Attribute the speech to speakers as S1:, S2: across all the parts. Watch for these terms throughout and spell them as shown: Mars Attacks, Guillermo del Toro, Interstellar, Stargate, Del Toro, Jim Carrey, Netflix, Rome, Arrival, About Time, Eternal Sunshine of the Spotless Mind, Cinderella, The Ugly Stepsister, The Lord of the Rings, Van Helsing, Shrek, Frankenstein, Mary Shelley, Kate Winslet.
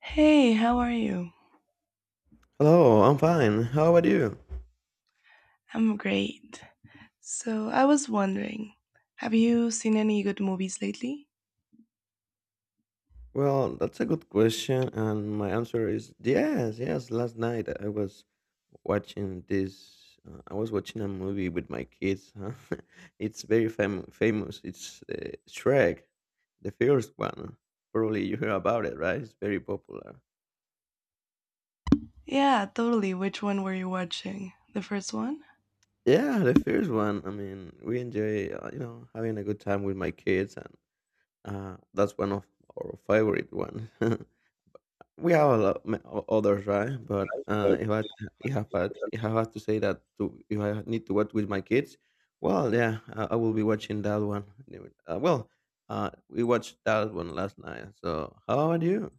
S1: Hey, how are you?
S2: Hello, I'm fine. How about you?
S1: I'm great. So, I was wondering, have you seen any good movies lately?
S2: Well, that's a good question, and my answer is yes, yes. Last night I was watching this. I was watching a movie with my kids. Huh? It's very famous. It's Shrek, the first one. Probably you hear about it, right? It's very popular.
S1: Yeah, totally. Which one were you watching? The first one?
S2: Yeah, the first one. I mean, we enjoy, having a good time with my kids, and that's one of our favorite one. We have a lot ma others, right? But, if I had to say that to if I need to watch with my kids, well, yeah, I will be watching that one. Anyway, well, we watched that one last night, so how about you?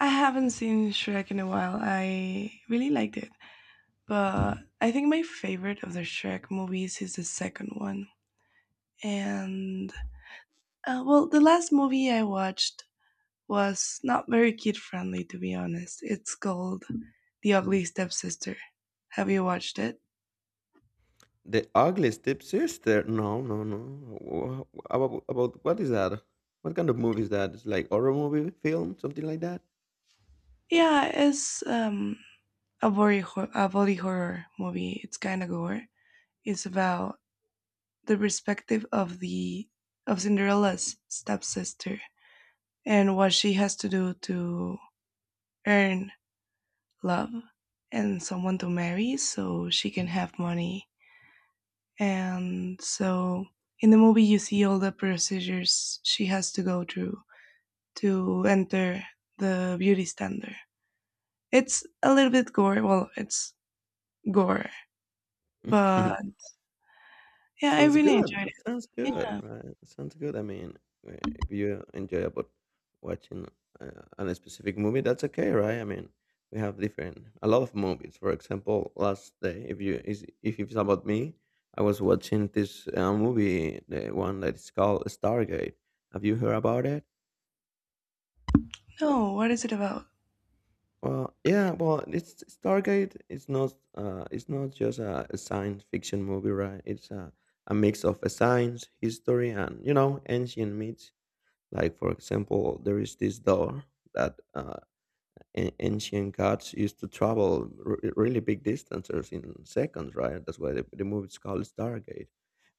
S1: I haven't seen Shrek in a while. I really liked it. But I think my favorite of the Shrek movies is the second one. And, well, the last movie I watched was not very kid friendly, to be honest. It's called The Ugly Stepsister. Have you watched it?
S2: The Ugly Stepsister? No, no, no. Wha wha- about what is that? What kind of movie is that? It's like horror movie, film, something like that?
S1: Yeah, it's a a body horror movie. It's kind of gore. It's about the perspective of the of Cinderella's stepsister and what she has to do to earn love and someone to marry so she can have money. And so in the movie, you see all the procedures she has to go through to enter the beauty standard. It's a little bit gore. Well, it's gore, but yeah, I
S2: Sounds
S1: really
S2: good.
S1: enjoyed it.
S2: That sounds
S1: Yeah,
S2: good, right? That sounds good. I mean, if you enjoy about watching on a specific movie, that's okay, right? I mean, we have different a lot of movies. For example, last day, if you is if it's about me, I was watching this movie, the one that is called Stargate. Have you heard about it?
S1: no, what is it about?
S2: Well, yeah. Well, it's Stargate. It's not. It's not just a science fiction movie, right? It's a mix of a science, history, and you know, ancient myths. Like, for example, there is this door that ancient gods used to travel really big distances in seconds, right? That's why the movie is called Stargate.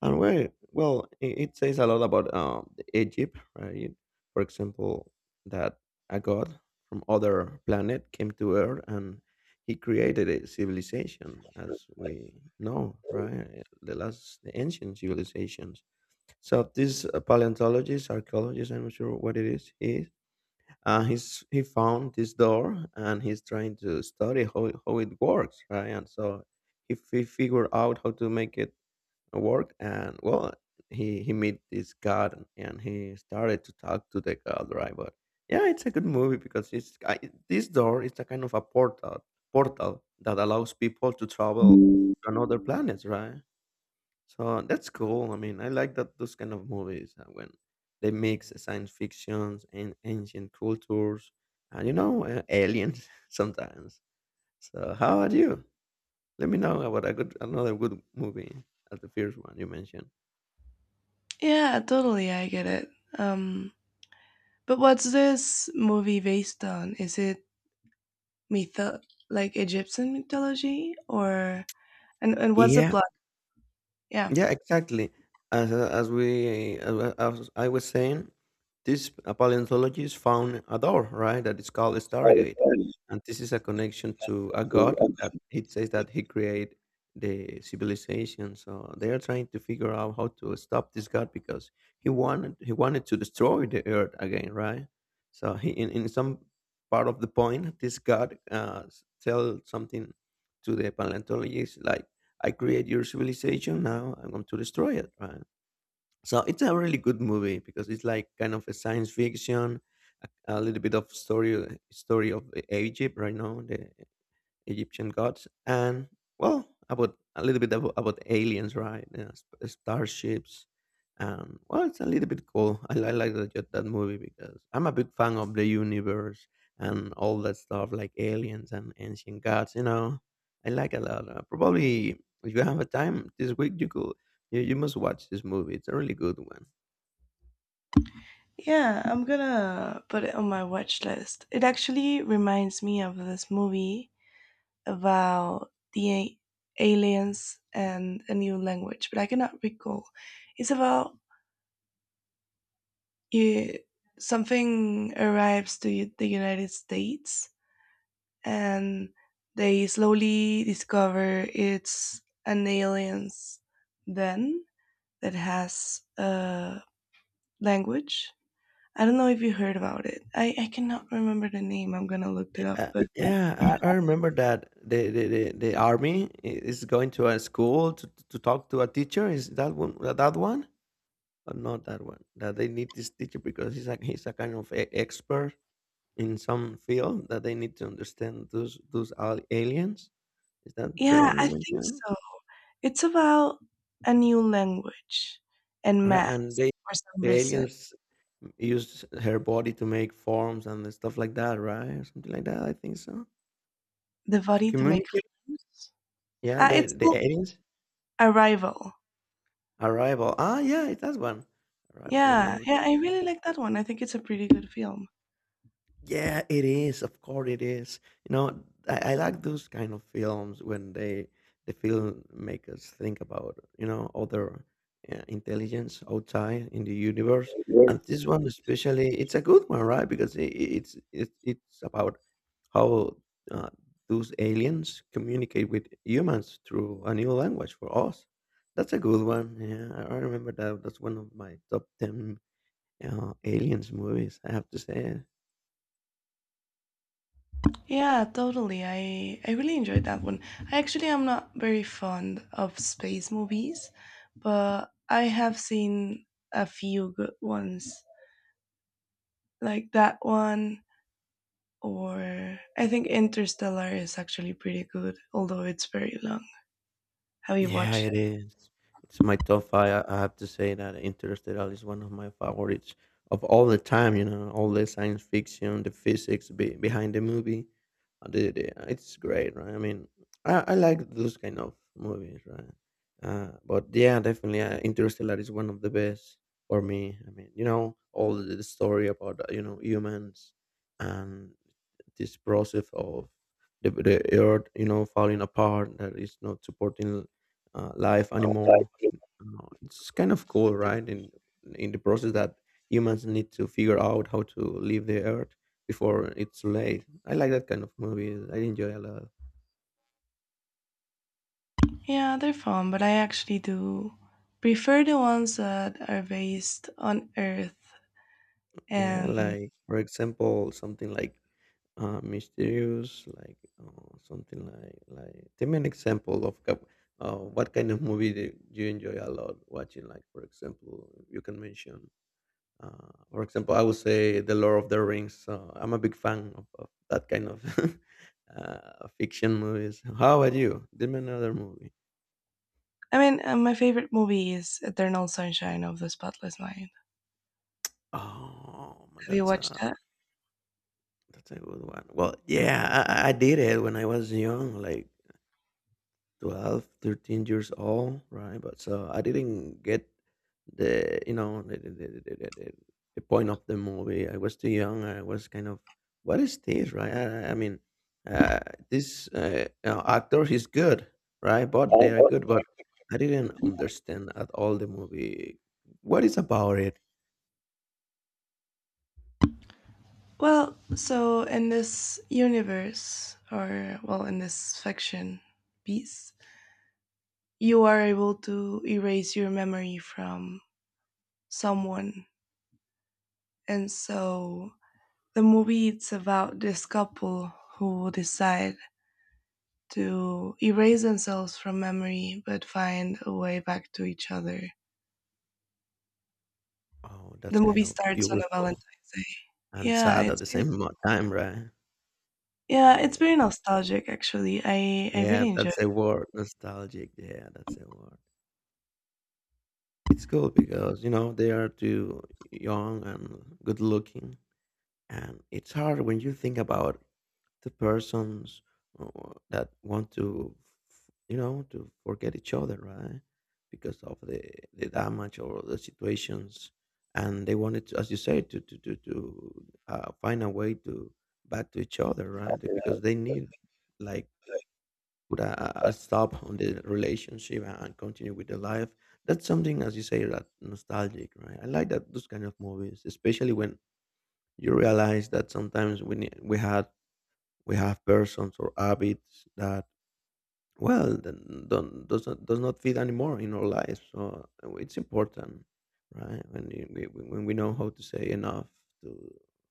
S2: And well, it says a lot about Egypt, right? For example, that a god from other planet came to Earth, and he created a civilization, as we know, right? The last, the ancient civilization. So this paleontologist, archaeologist, I'm not sure what it is, he is, he found this door, and he's trying to study how it works, right? And so he figured out how to make it work, and well, he met this god, and he started to talk to the god, right? But yeah, it's a good movie because this door is a kind of a portal that allows people to travel to another planet, right? So that's cool. I mean, I like that those kind of movies when they mix science fictions and ancient cultures, and aliens sometimes. So how about you? Let me know about a good another good movie as the first one you mentioned.
S1: Yeah, totally, I get it. Um, but what's this movie based on? Is it mytho like Egyptian mythology? Or and what's the
S2: Yeah.
S1: plot? Yeah.
S2: Yeah, exactly. As I was saying, this paleontologist found a door, right? That is called a Stargate, and this is a connection to a god that he says that he created the civilization. So they are trying to figure out how to stop this god because he wanted to destroy the earth again, right? So he in some part of the point, this god tell something to the paleontologist, like, I create your civilization. Now I'm going to destroy it. Right. So it's a really good movie because it's like kind of a science fiction, a, a little bit of story of Egypt right now, the Egyptian gods, and well, about a little bit about aliens, right? You know, starships, and well, it's a little bit cool. I like that that movie because I'm a big fan of the universe and all that stuff, like aliens and ancient gods. You know, I like a lot. Probably if you have a time this week, you must watch this movie. It's a really good one.
S1: Yeah, I'm gonna put it on my watch list. It actually reminds me of this movie about aliens and a new language, but I cannot recall. It's about, you, something arrives to the United States and they slowly discover it's an alien's, then, that has a language. I don't know if you heard about it. I cannot remember the name. I'm gonna look it
S2: Yeah,
S1: up. But
S2: Yeah, I remember that the army is going to a school to talk to a teacher. Is that one? That one? Or not that one? That they need this teacher because he's a kind of expert in some field that they need to understand those aliens. Is that the
S1: yeah,
S2: one you
S1: I think
S2: mentioned?
S1: so. It's about a new language and
S2: Right, and
S1: maths for some
S2: the
S1: reason.
S2: aliens used her body to make forms and stuff like that, right? Or something like that. I think so.
S1: The
S2: To
S1: body to make
S2: communicate.
S1: friends.
S2: Yeah,
S1: Uh,
S2: the
S1: it's
S2: the
S1: called
S2: aliens
S1: Arrival.
S2: arrival. Ah, yeah, it's that one. Arrival. Let me
S1: Yeah,
S2: double
S1: yeah,
S2: check
S1: I
S2: it.
S1: really like that one. I think it's a pretty good film.
S2: Yeah, it is. Of course, it is. You know, I like those kind of films when the film make us think about other intelligence outside in the universe.
S1: Yes.
S2: And this one especially, it's a good one, right? Because it's about how uh, those aliens communicate with humans through a new language for us. That's a good one. Yeah, I remember that. That's one of my top ten aliens movies, I have to say.
S1: Yeah, totally. I really enjoyed that one. I actually am not very fond of space movies, but I have seen a few good ones like that one, or I think Interstellar is actually pretty good, although it's very long. Have you
S2: Yeah,
S1: watched
S2: it
S1: it?
S2: is. It's my top 5, I have to say that Interstellar is one of my favorites of all the time, you know, all the science fiction, the physics be behind the movie. It's great, right? I mean, I like those kind of movies, right? But yeah, definitely, Interstellar is one of the best for me. I mean, you know, all the story about, humans and this process of the earth falling apart, that is not supporting life anymore. It's kind of cool, right? In the process that humans need to figure out how to leave the earth before it's too late. I like that kind of movies, I enjoy a lot.
S1: Yeah, they're fun, but I actually do prefer the ones that are based on Earth,
S2: Yeah,
S1: and
S2: like for example, something like mysterious, like something like. Give me an example of what kind of movie do you enjoy a lot watching? Like for example, you can mention. For example, I would say The Lord of the Rings. So I'm a big fan of that kind of fiction movies. How about you? Give me another movie.
S1: I mean, my favorite movie is Eternal Sunshine of the Spotless Mind.
S2: Oh,
S1: Have you watched that?
S2: that's a good one. Well, yeah, I did it when I was young. Like 12, 13 years old, right, but so I didn't get the you know the point of the movie. I was too young. I was kind of, what is this, right? I mean, uh, this you actor, he's good, right? But they are good,
S1: I.
S2: but I didn't understand at all the movie, what is about it.
S1: Well, so in this universe, or well, in this fiction piece, you are able to erase your memory from someone. And so the movie, it's about this couple who decide to erase themselves from memory but find a way back to each other.
S2: Oh,
S1: The
S2: that's kind
S1: movie
S2: of
S1: starts on a
S2: beautiful
S1: Valentine's Day.
S2: and
S1: Yeah,
S2: sad at
S1: it's.
S2: the same time, right? Oh
S1: Yeah,
S2: my
S1: it's very
S2: gosh.
S1: nostalgic actually. I
S2: Yeah,
S1: really enjoy it.
S2: that's a word, nostalgic. Yeah, that's a word. It's cool because, you know, they are too young and good looking. And it's hard when you think about the persons that want to, f- you know, to forget each other, right? Because of the damage or the situations. And they wanted to, as you say, to, to find a way to back to each other, right? Because they need, like, put a stop on the relationship and continue with the life. That's something, as you say, that nostalgic, right? I like that those kind of movies, especially when you realize that sometimes we ne- we had we have persons or habits that, well, then don't does not fit anymore in our lives. So it's important, right? When you- we when we know how to say enough to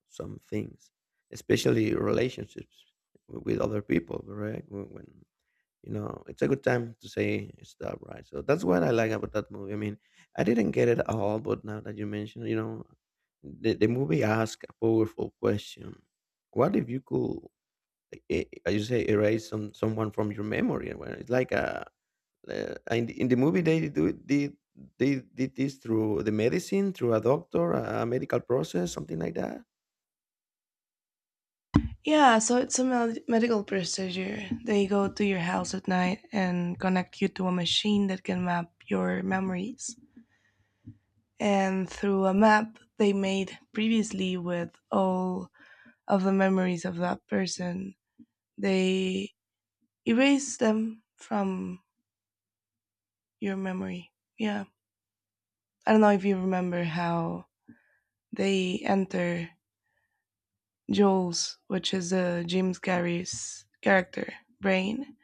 S2: some things, especially relationships with other people, right? when you know, it's a good time to say stop, right? So that's what I like about that movie. I mean, I didn't get it all, but now that you mentioned, you know, the movie asks a powerful question. What if you could, as you say, erase someone from your memory? Well, it's like in the movie, they do it- did they did this through the medicine, through a doctor, a medical process, something like that.
S1: Yeah, so it's a medical procedure. They go to your house at night and connect you to a machine that can map your memories. And through a map they made previously with all of the memories of that person, they erase them from your memory. Yeah. I don't know if you remember how they enter Joel's, which is Jim Carrey's character, brain,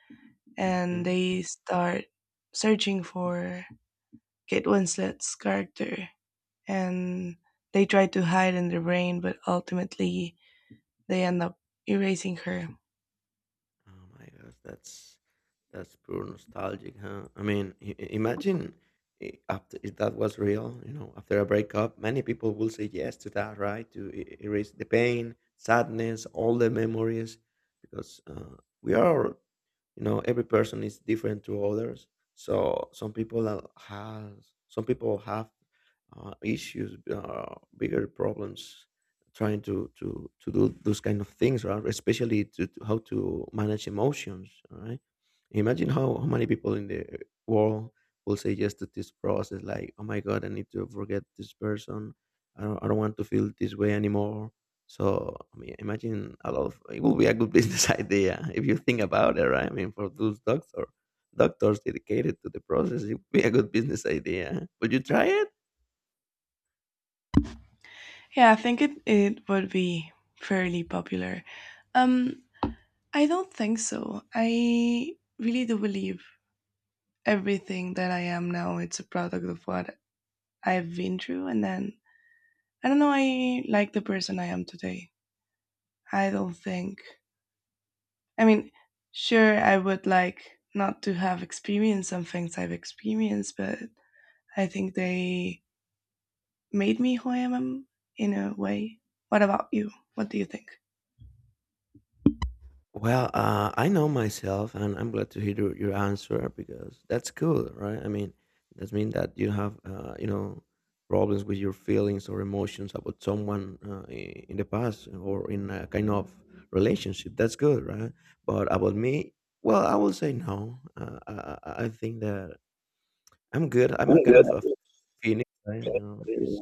S1: and
S2: Mhm.
S1: they start searching for Kate Winslet's character, and they try to hide in their brain, but ultimately they end up erasing her.
S2: Oh my gosh, that's pure nostalgic, huh? I mean, imagine, after, if that was real, you know, after a breakup, many people will say yes to that, right? To erase the pain, sadness, all the memories, because we are, you know, every person is different to others, so has some people have issues, uh, bigger problems trying to to do those kind of things, right? Especially to how to manage emotions. All right, imagine how many people in the world will say yes to this process, like oh my god, I need to forget this person. I don't want to feel this way anymore. So I mean, imagine a lot of it would be a good business idea if you think about it, right? I mean, for those doctors dedicated to the process, it would be a good business idea. Would you try it?
S1: Yeah, I think it would be fairly popular. Um, I don't think so. I really do believe everything that I am now, it's a product of what I've been through, and then I don't know. I like the person I am today. I don't think. I mean, sure, I would like not to have experienced some things I've experienced, but I think they made me who I am in a way. What about you? What do you think?
S2: Well, I know myself, and I'm glad to hear your answer because that's cool, right? I mean, that means that you have, you know, problems with your feelings or emotions about someone in the past or in a kind of relationship. That's good, right? But about me, well, I will say no. I think that I'm good. I'm a
S1: I'm
S2: kind
S1: good.
S2: of a phoenix, right? You know, this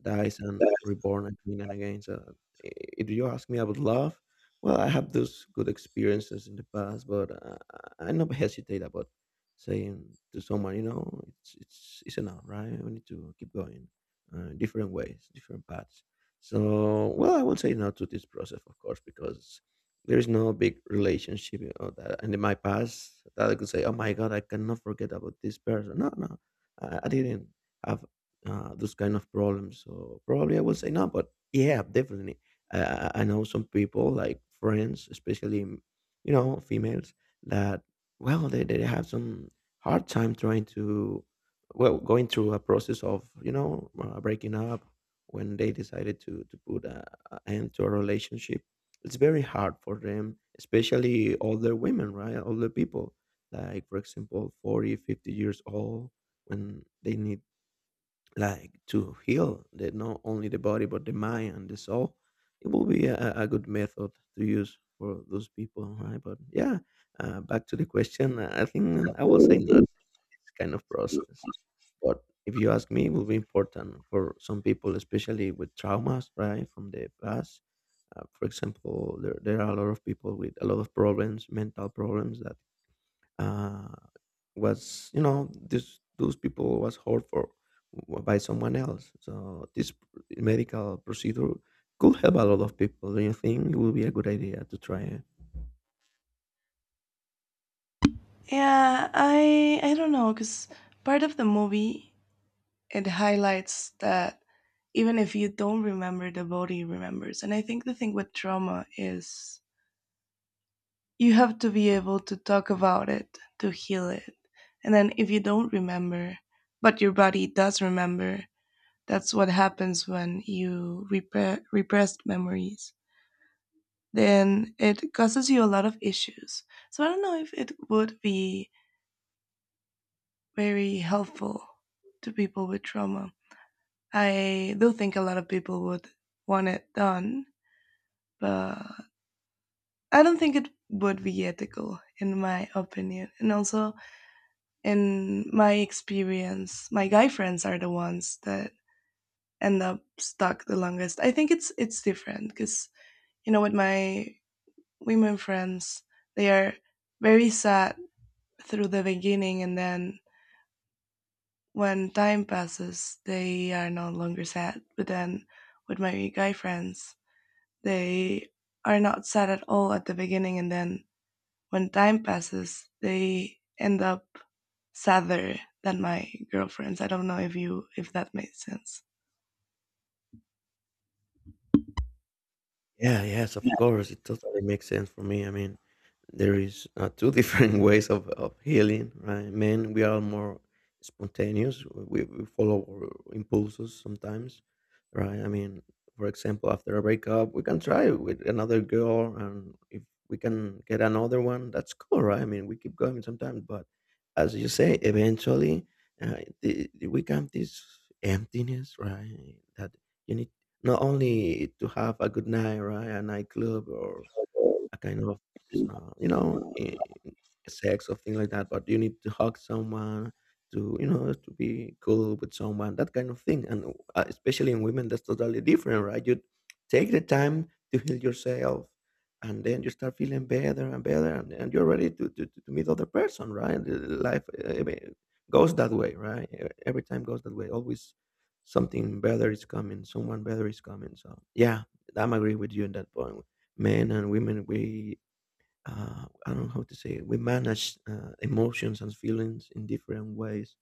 S2: dies and reborn again and again. So i- if you ask me about love, well, I have those good experiences in the past, but I never hesitate about saying to someone, you know, it's it's enough, right? We need to keep going, different ways, different paths. So well, I won't say no to this process, of course, because there is no big relationship, you know, and in my past, that I could say, oh my god, I cannot forget about this person. No, no, I didn't have those kind of problems. So probably I will say no, but yeah, definitely. I know some people like friends, especially you know, females, that, well, they have some hard time trying to, well, going through a process of, you know, breaking up when they decided to put a end to a relationship. It's very hard for them, especially older women, right? Older people, like for example, 40, 50 years old, when they need like to heal the, not only the body but the mind and the soul, it will be a good method to use for those people, right? But yeah, back to the question, I think I will say no this kind of process. But if you ask me, it will be important for some people, especially with traumas, right? From the past, for example, there are a lot of people with a lot of problems, mental problems, that Uh, was, you know, this those people was hurt for, by someone else, so this medical procedure could help a lot of people. Do you think it would be a good idea to try?
S1: Yeah, I don't know because part of the movie, it highlights that even if you don't remember, the body remembers, and I think the thing with trauma is you have to be able to talk about it to heal it. And then if you don't remember but your body does remember, that's what happens when you repressed memories, then it causes you a lot of issues. So I don't know if it would be very helpful to people with trauma. I do think a lot of people would want it done, but I don't think it would be ethical, in my opinion. And also, in my experience, my guy friends are the ones that end up stuck the longest. I think it's different because you know, with my women friends, they are very sad through the beginning, and then when time passes, they are no longer sad. But then with my guy friends, they are not sad at all at the beginning, and then when time passes, they end up sadder than my girlfriends. I don't know if you, if that made sense.
S2: Yeah, yes, of course. It totally makes sense for me. I mean, there is two different ways of healing, right? Men, we are more spontaneous. We follow our impulses sometimes, right? I mean, for example, after a breakup, we can try with another girl, and if we can get another one, that's cool, right? I mean, we keep going sometimes, but as you say, eventually, uh, we come this emptiness, right? That you need not only to have a good night, right? A nightclub or a kind of you know, sex or thing like that, but you need to hug someone, to, you know, to be cool with someone, that kind of thing. And especially in women, that's totally different, right? You take the time to heal yourself, and then you start feeling better and better, and you're ready to meet other person, right? And, life, I mean, goes that way, right? Every time goes that way. Always something better is coming, someone better is coming. So yeah, I'm agree with you on that point. Men and women, we, I don't know how to say it. We manage emotions and feelings in different ways,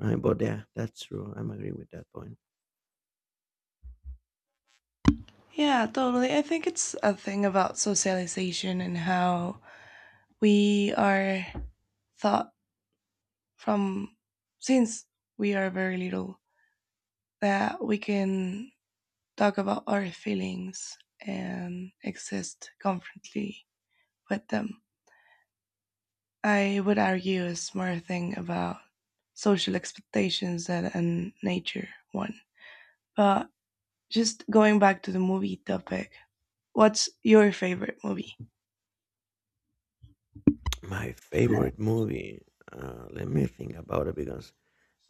S2: right? But yeah, that's true. I'm agree with that point.
S1: Yeah, totally. I think it's a thing about socialization and how we are thought from, since we are very little, that we can talk about our feelings and exist confidently with them. I would argue a smart thing about social expectations that a nature one. But just going back to the movie topic, what's your favorite movie?
S2: My favorite movie. Let me think about it because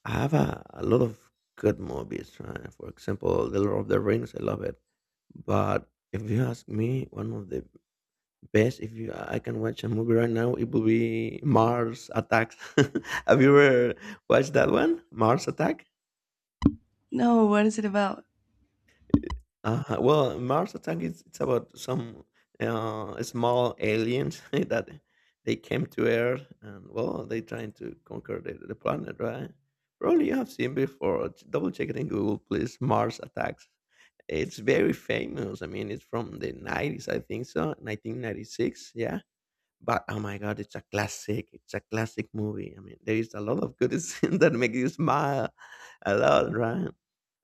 S2: I have a lot of good movies. Right? For example, The Lord of the Rings. I love it. But if you ask me, one of the best, if you I can watch a movie right now, it will be Mars Attacks. Have you ever watched that one? Mars Attack.
S1: No, what is it about?
S2: Well, Mars Attack is, it's about some small aliens that they came to Earth, and well, they trying to conquer the planet, right? Probably you have seen before. Double check it in Google, please. Mars Attacks. It's very famous. I mean, it's from the 90s, I think so, 1996. Yeah. But oh my god, it's a classic. It's a classic movie. I mean, there is a lot of good scenes that make you smile a lot, right?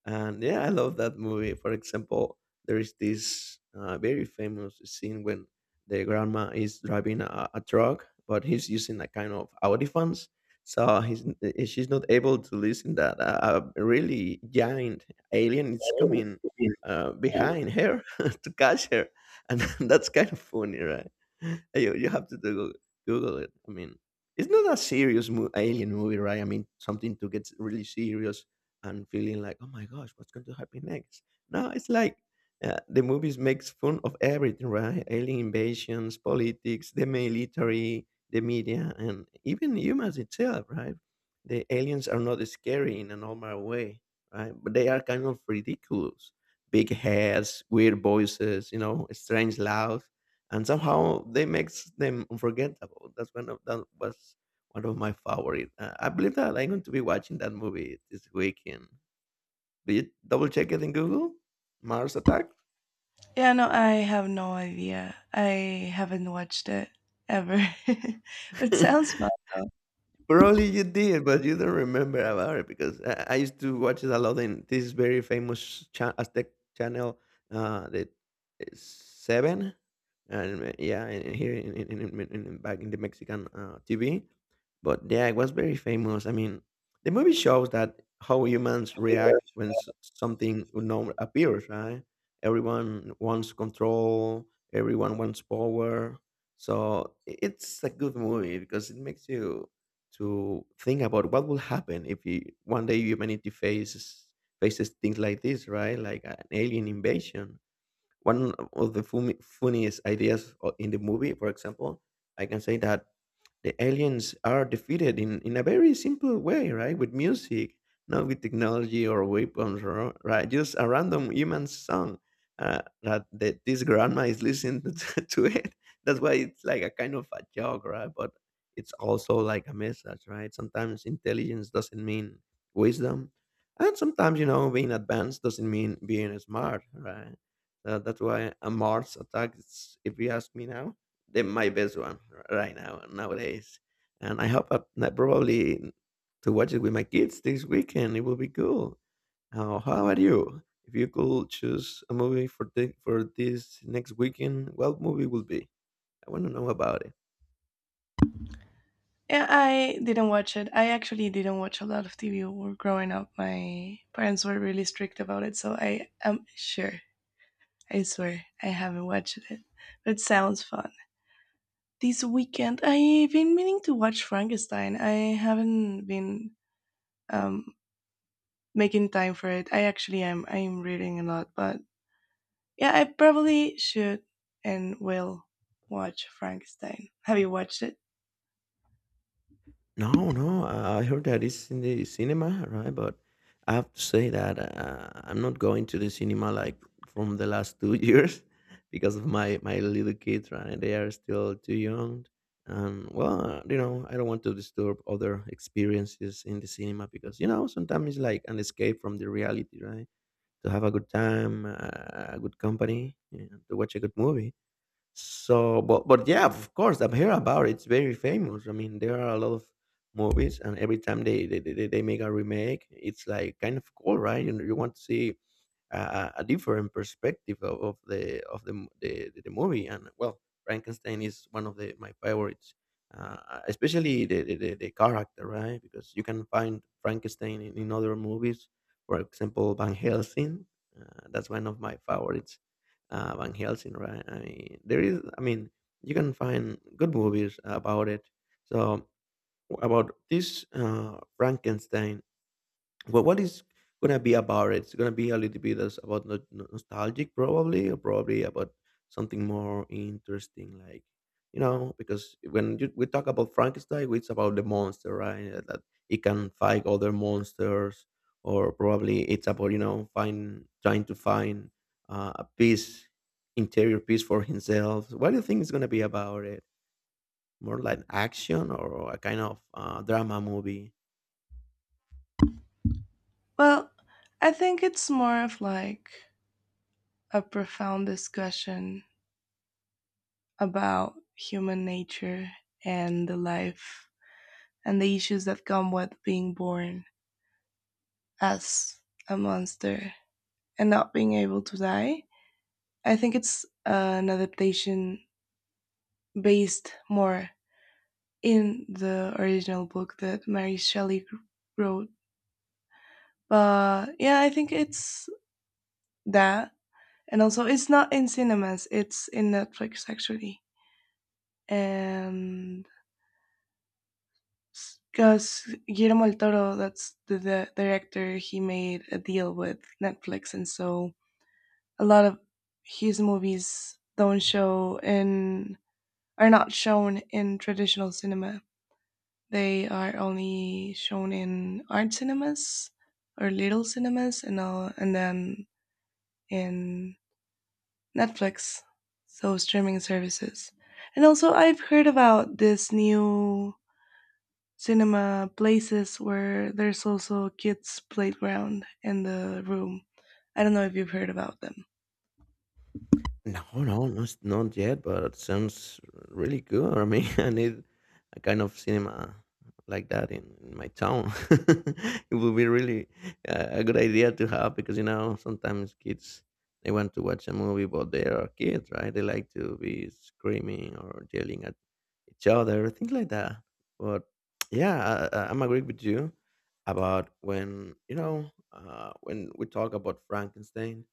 S2: And yeah, I love that movie. For example, there is this very famous scene when the grandma is driving a truck, but he's using a kind of audiphones. So he's, she's not able to listen that a really giant alien is coming behind her to catch her. And that's kind of funny, right? Hey, you have to Google it. I mean, it's not a serious alien movie, right? I mean, something to get really serious and feeling like, "Oh my gosh, what's going to happen next?" No, it's like the movies makes fun of everything, right? Alien invasions, politics, the military, the media, and even humans itself, right? The aliens are not scary in a normal way, right? But they are kind of ridiculous. Big heads, weird voices, you know, strange laugh, and somehow they makes them unforgettable. That was one of my favorite. I believe that I'm going to be watching that movie this weekend. Did you double check it in Google? Mars Attack?
S1: Yeah, no, I have no idea. I haven't watched it ever. But it sounds fun though.
S2: Probably you did, but you don't remember about it because I used to watch it a lot in this very famous Aztec channel, the Seven, and yeah, in here back in the Mexican TV. But yeah, it was very famous. I mean, the movie shows that how humans react when something unknown appears, right? Everyone wants control, everyone wants power. So it's a good movie because it makes you to think about what will happen if you, one day humanity faces things like this, right? Like an alien invasion. One of the funniest ideas in the movie, for example, I can say that the aliens are defeated in a very simple way, right? With music, not with technology or weapons, or, right? Just a random human song, that this grandma is listening to it. That's why it's like a kind of a joke, right? But it's also like a message, right? Sometimes intelligence doesn't mean wisdom. And sometimes, you know, being advanced doesn't mean being smart, right? That's why a Mars attack is, if you ask me now, the my best one right now nowadays. And I hope that probably to watch it with my kids this weekend. It will be cool. How about you? If you could choose a movie for for this next weekend, what movie will be? I want to know about it.
S1: Yeah, I didn't watch it. I actually didn't watch a lot of TV when growing up. My parents were really strict about it, so I am sure, I swear, I haven't watched it. But it sounds fun. This weekend, I've been meaning to watch Frankenstein. I haven't been um, making time for it. I actually am. I am reading a lot, but yeah, I probably should and will watch Frankenstein. Have you watched it?
S2: No, no, I heard that it's in the cinema, right? But I have to say that I'm not going to the cinema like from the last 2 years because of my little kids, right? They are still too young, and well, you know, I don't want to disturb other experiences in the cinema because, you know, sometimes it's like an escape from the reality, right? To have a good time, a good company, and to watch a good movie. So, but yeah, of course, I've heard about it. It's very famous. I mean, there are a lot of movies, and every time they make a remake, it's like kind of cool, right? You know, you want to see a different perspective of the the movie. And well, Frankenstein is one of the my favorites, especially the character, right? Because you can find Frankenstein in other movies, for example, Van Helsing. That's one of my favorites, Van Helsing, right? I mean, there is, I mean, you can find good movies about it. So about this Frankenstein, but what is gonna be about it? It's gonna be a little bit as about nostalgic, probably, or probably about something more interesting, like, you know, because when you, we talk about Frankenstein, it's about the monster, right? That it can fight other monsters, or probably it's about, you know, find trying to find a peace, interior peace for himself. What do you think is gonna be about it? More like action or a kind of drama movie?
S1: Well, I think it's more of like a profound discussion about human nature and the life and the issues that come with being born as a monster and not being able to die. I think it's an adaptation based more in the original book that Mary Shelley wrote. But yeah, I think it's that. And also, it's not in cinemas, it's in Netflix actually. And because Guillermo del Toro, that's the director, he made a deal with Netflix. And so a lot of his movies don't show in, are not shown in traditional cinema. They are only shown in art cinemas or little cinemas, and all, and then in Netflix, so streaming services. And also, I've heard about this new cinema places where there's also kids' playground in the room. I don't know if you've heard about them.
S2: No, no, not not yet, but it sounds really good. I mean, I need a kind of cinema like that in my town. It would be really a good idea to have because you know sometimes kids they want to watch a movie, but they are kids, right? They like to be screaming or yelling at each other, things like that. But yeah, I'm agree with you about when you know when we talk about Frankenstein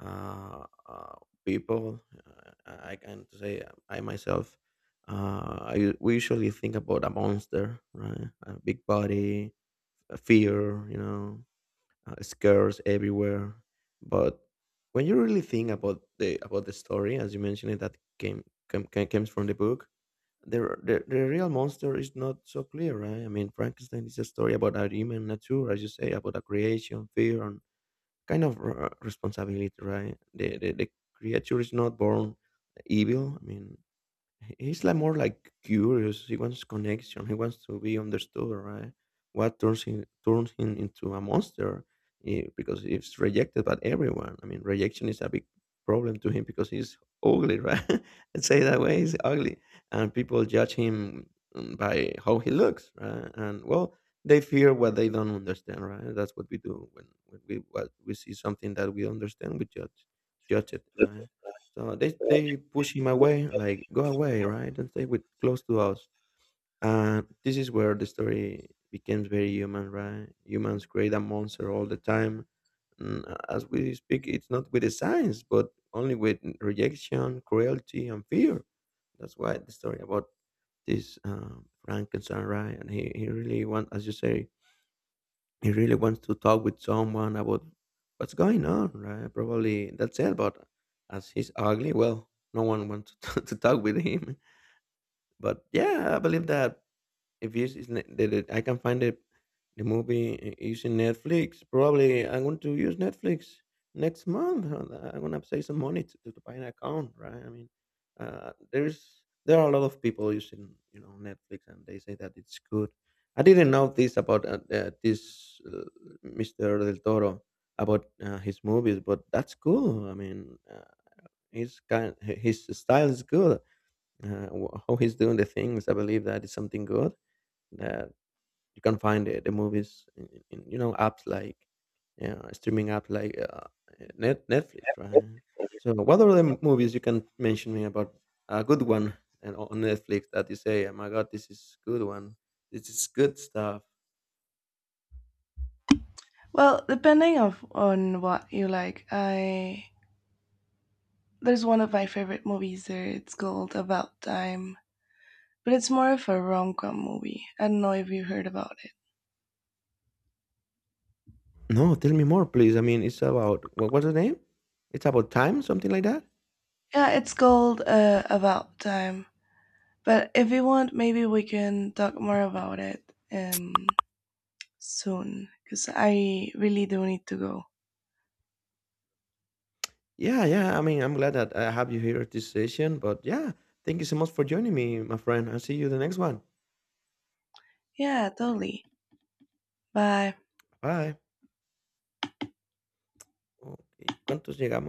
S2: uh, uh, people. I can say I myself. We usually think about a monster, right? A big body, a fear, you know, scares everywhere. But when you really think about the story, as you mentioned, it, that came came came comes from the book. The, r- the real monster is not so clear, right? I mean, Frankenstein is a story about our human nature, as you say, about a creation, fear, kind of responsibility, right? The creature is not born evil. I mean, he's like more like curious. He wants connection. He wants to be understood, right? What turns him into a monster? Because he's rejected by everyone. I mean, rejection is a big problem to him because he's ugly, right? Let's say it that way. He's ugly, and people judge him by how he looks, right? And well, they fear what they don't understand, right? That's what we do when we what we see something that we understand, we judge it, right? So they push him away, like go away, right? Don't stay with close to us. And this is where the story becomes very human, right? Humans create a monster all the time. Mm, As we speak, it's not with the science, but only with rejection, cruelty, and fear. That's why the story about this Frankenstein, right? And he really want, as you say, he really wants to talk with someone about what's going on, right? Probably that's it. But as he's ugly, well, no one wants to, to talk with him. But yeah, I believe that if you is ne- the, I can find it, the movie using Netflix. Probably I'm going to use Netflix next month. And I'm going to save some money to buy an account, right? I mean, there are a lot of people using you know Netflix, and they say that it's good. I didn't know this about this Mr. Del Toro about his movies, but that's cool. I mean, his style is good how he's doing the things. I believe that is something good, that you can find it the movies you know apps like yeah, streaming apps like Netflix, right? So what are the movies you can mention me about a good one and on Netflix that you say, oh my god, this is good one, this is good stuff.
S1: Well, depending of on what you like, I, there's one of my favorite movies there. It's called About Time, but it's more of a rom-com movie. I don't know if you heard about it.
S2: No, tell me more, please. I mean, it's about what, what's the name? It's about time, something like that.
S1: Yeah, it's called About Time. But if you want, maybe we can talk more about it um soon because I really do need to go.
S2: Yeah, yeah. I mean, I'm glad that I have you here at this session. But yeah, thank you so much for joining me, my friend. I'll see you the next one.
S1: Yeah, totally. Bye.
S2: Bye. Okay. ¿Cuántos llegamos?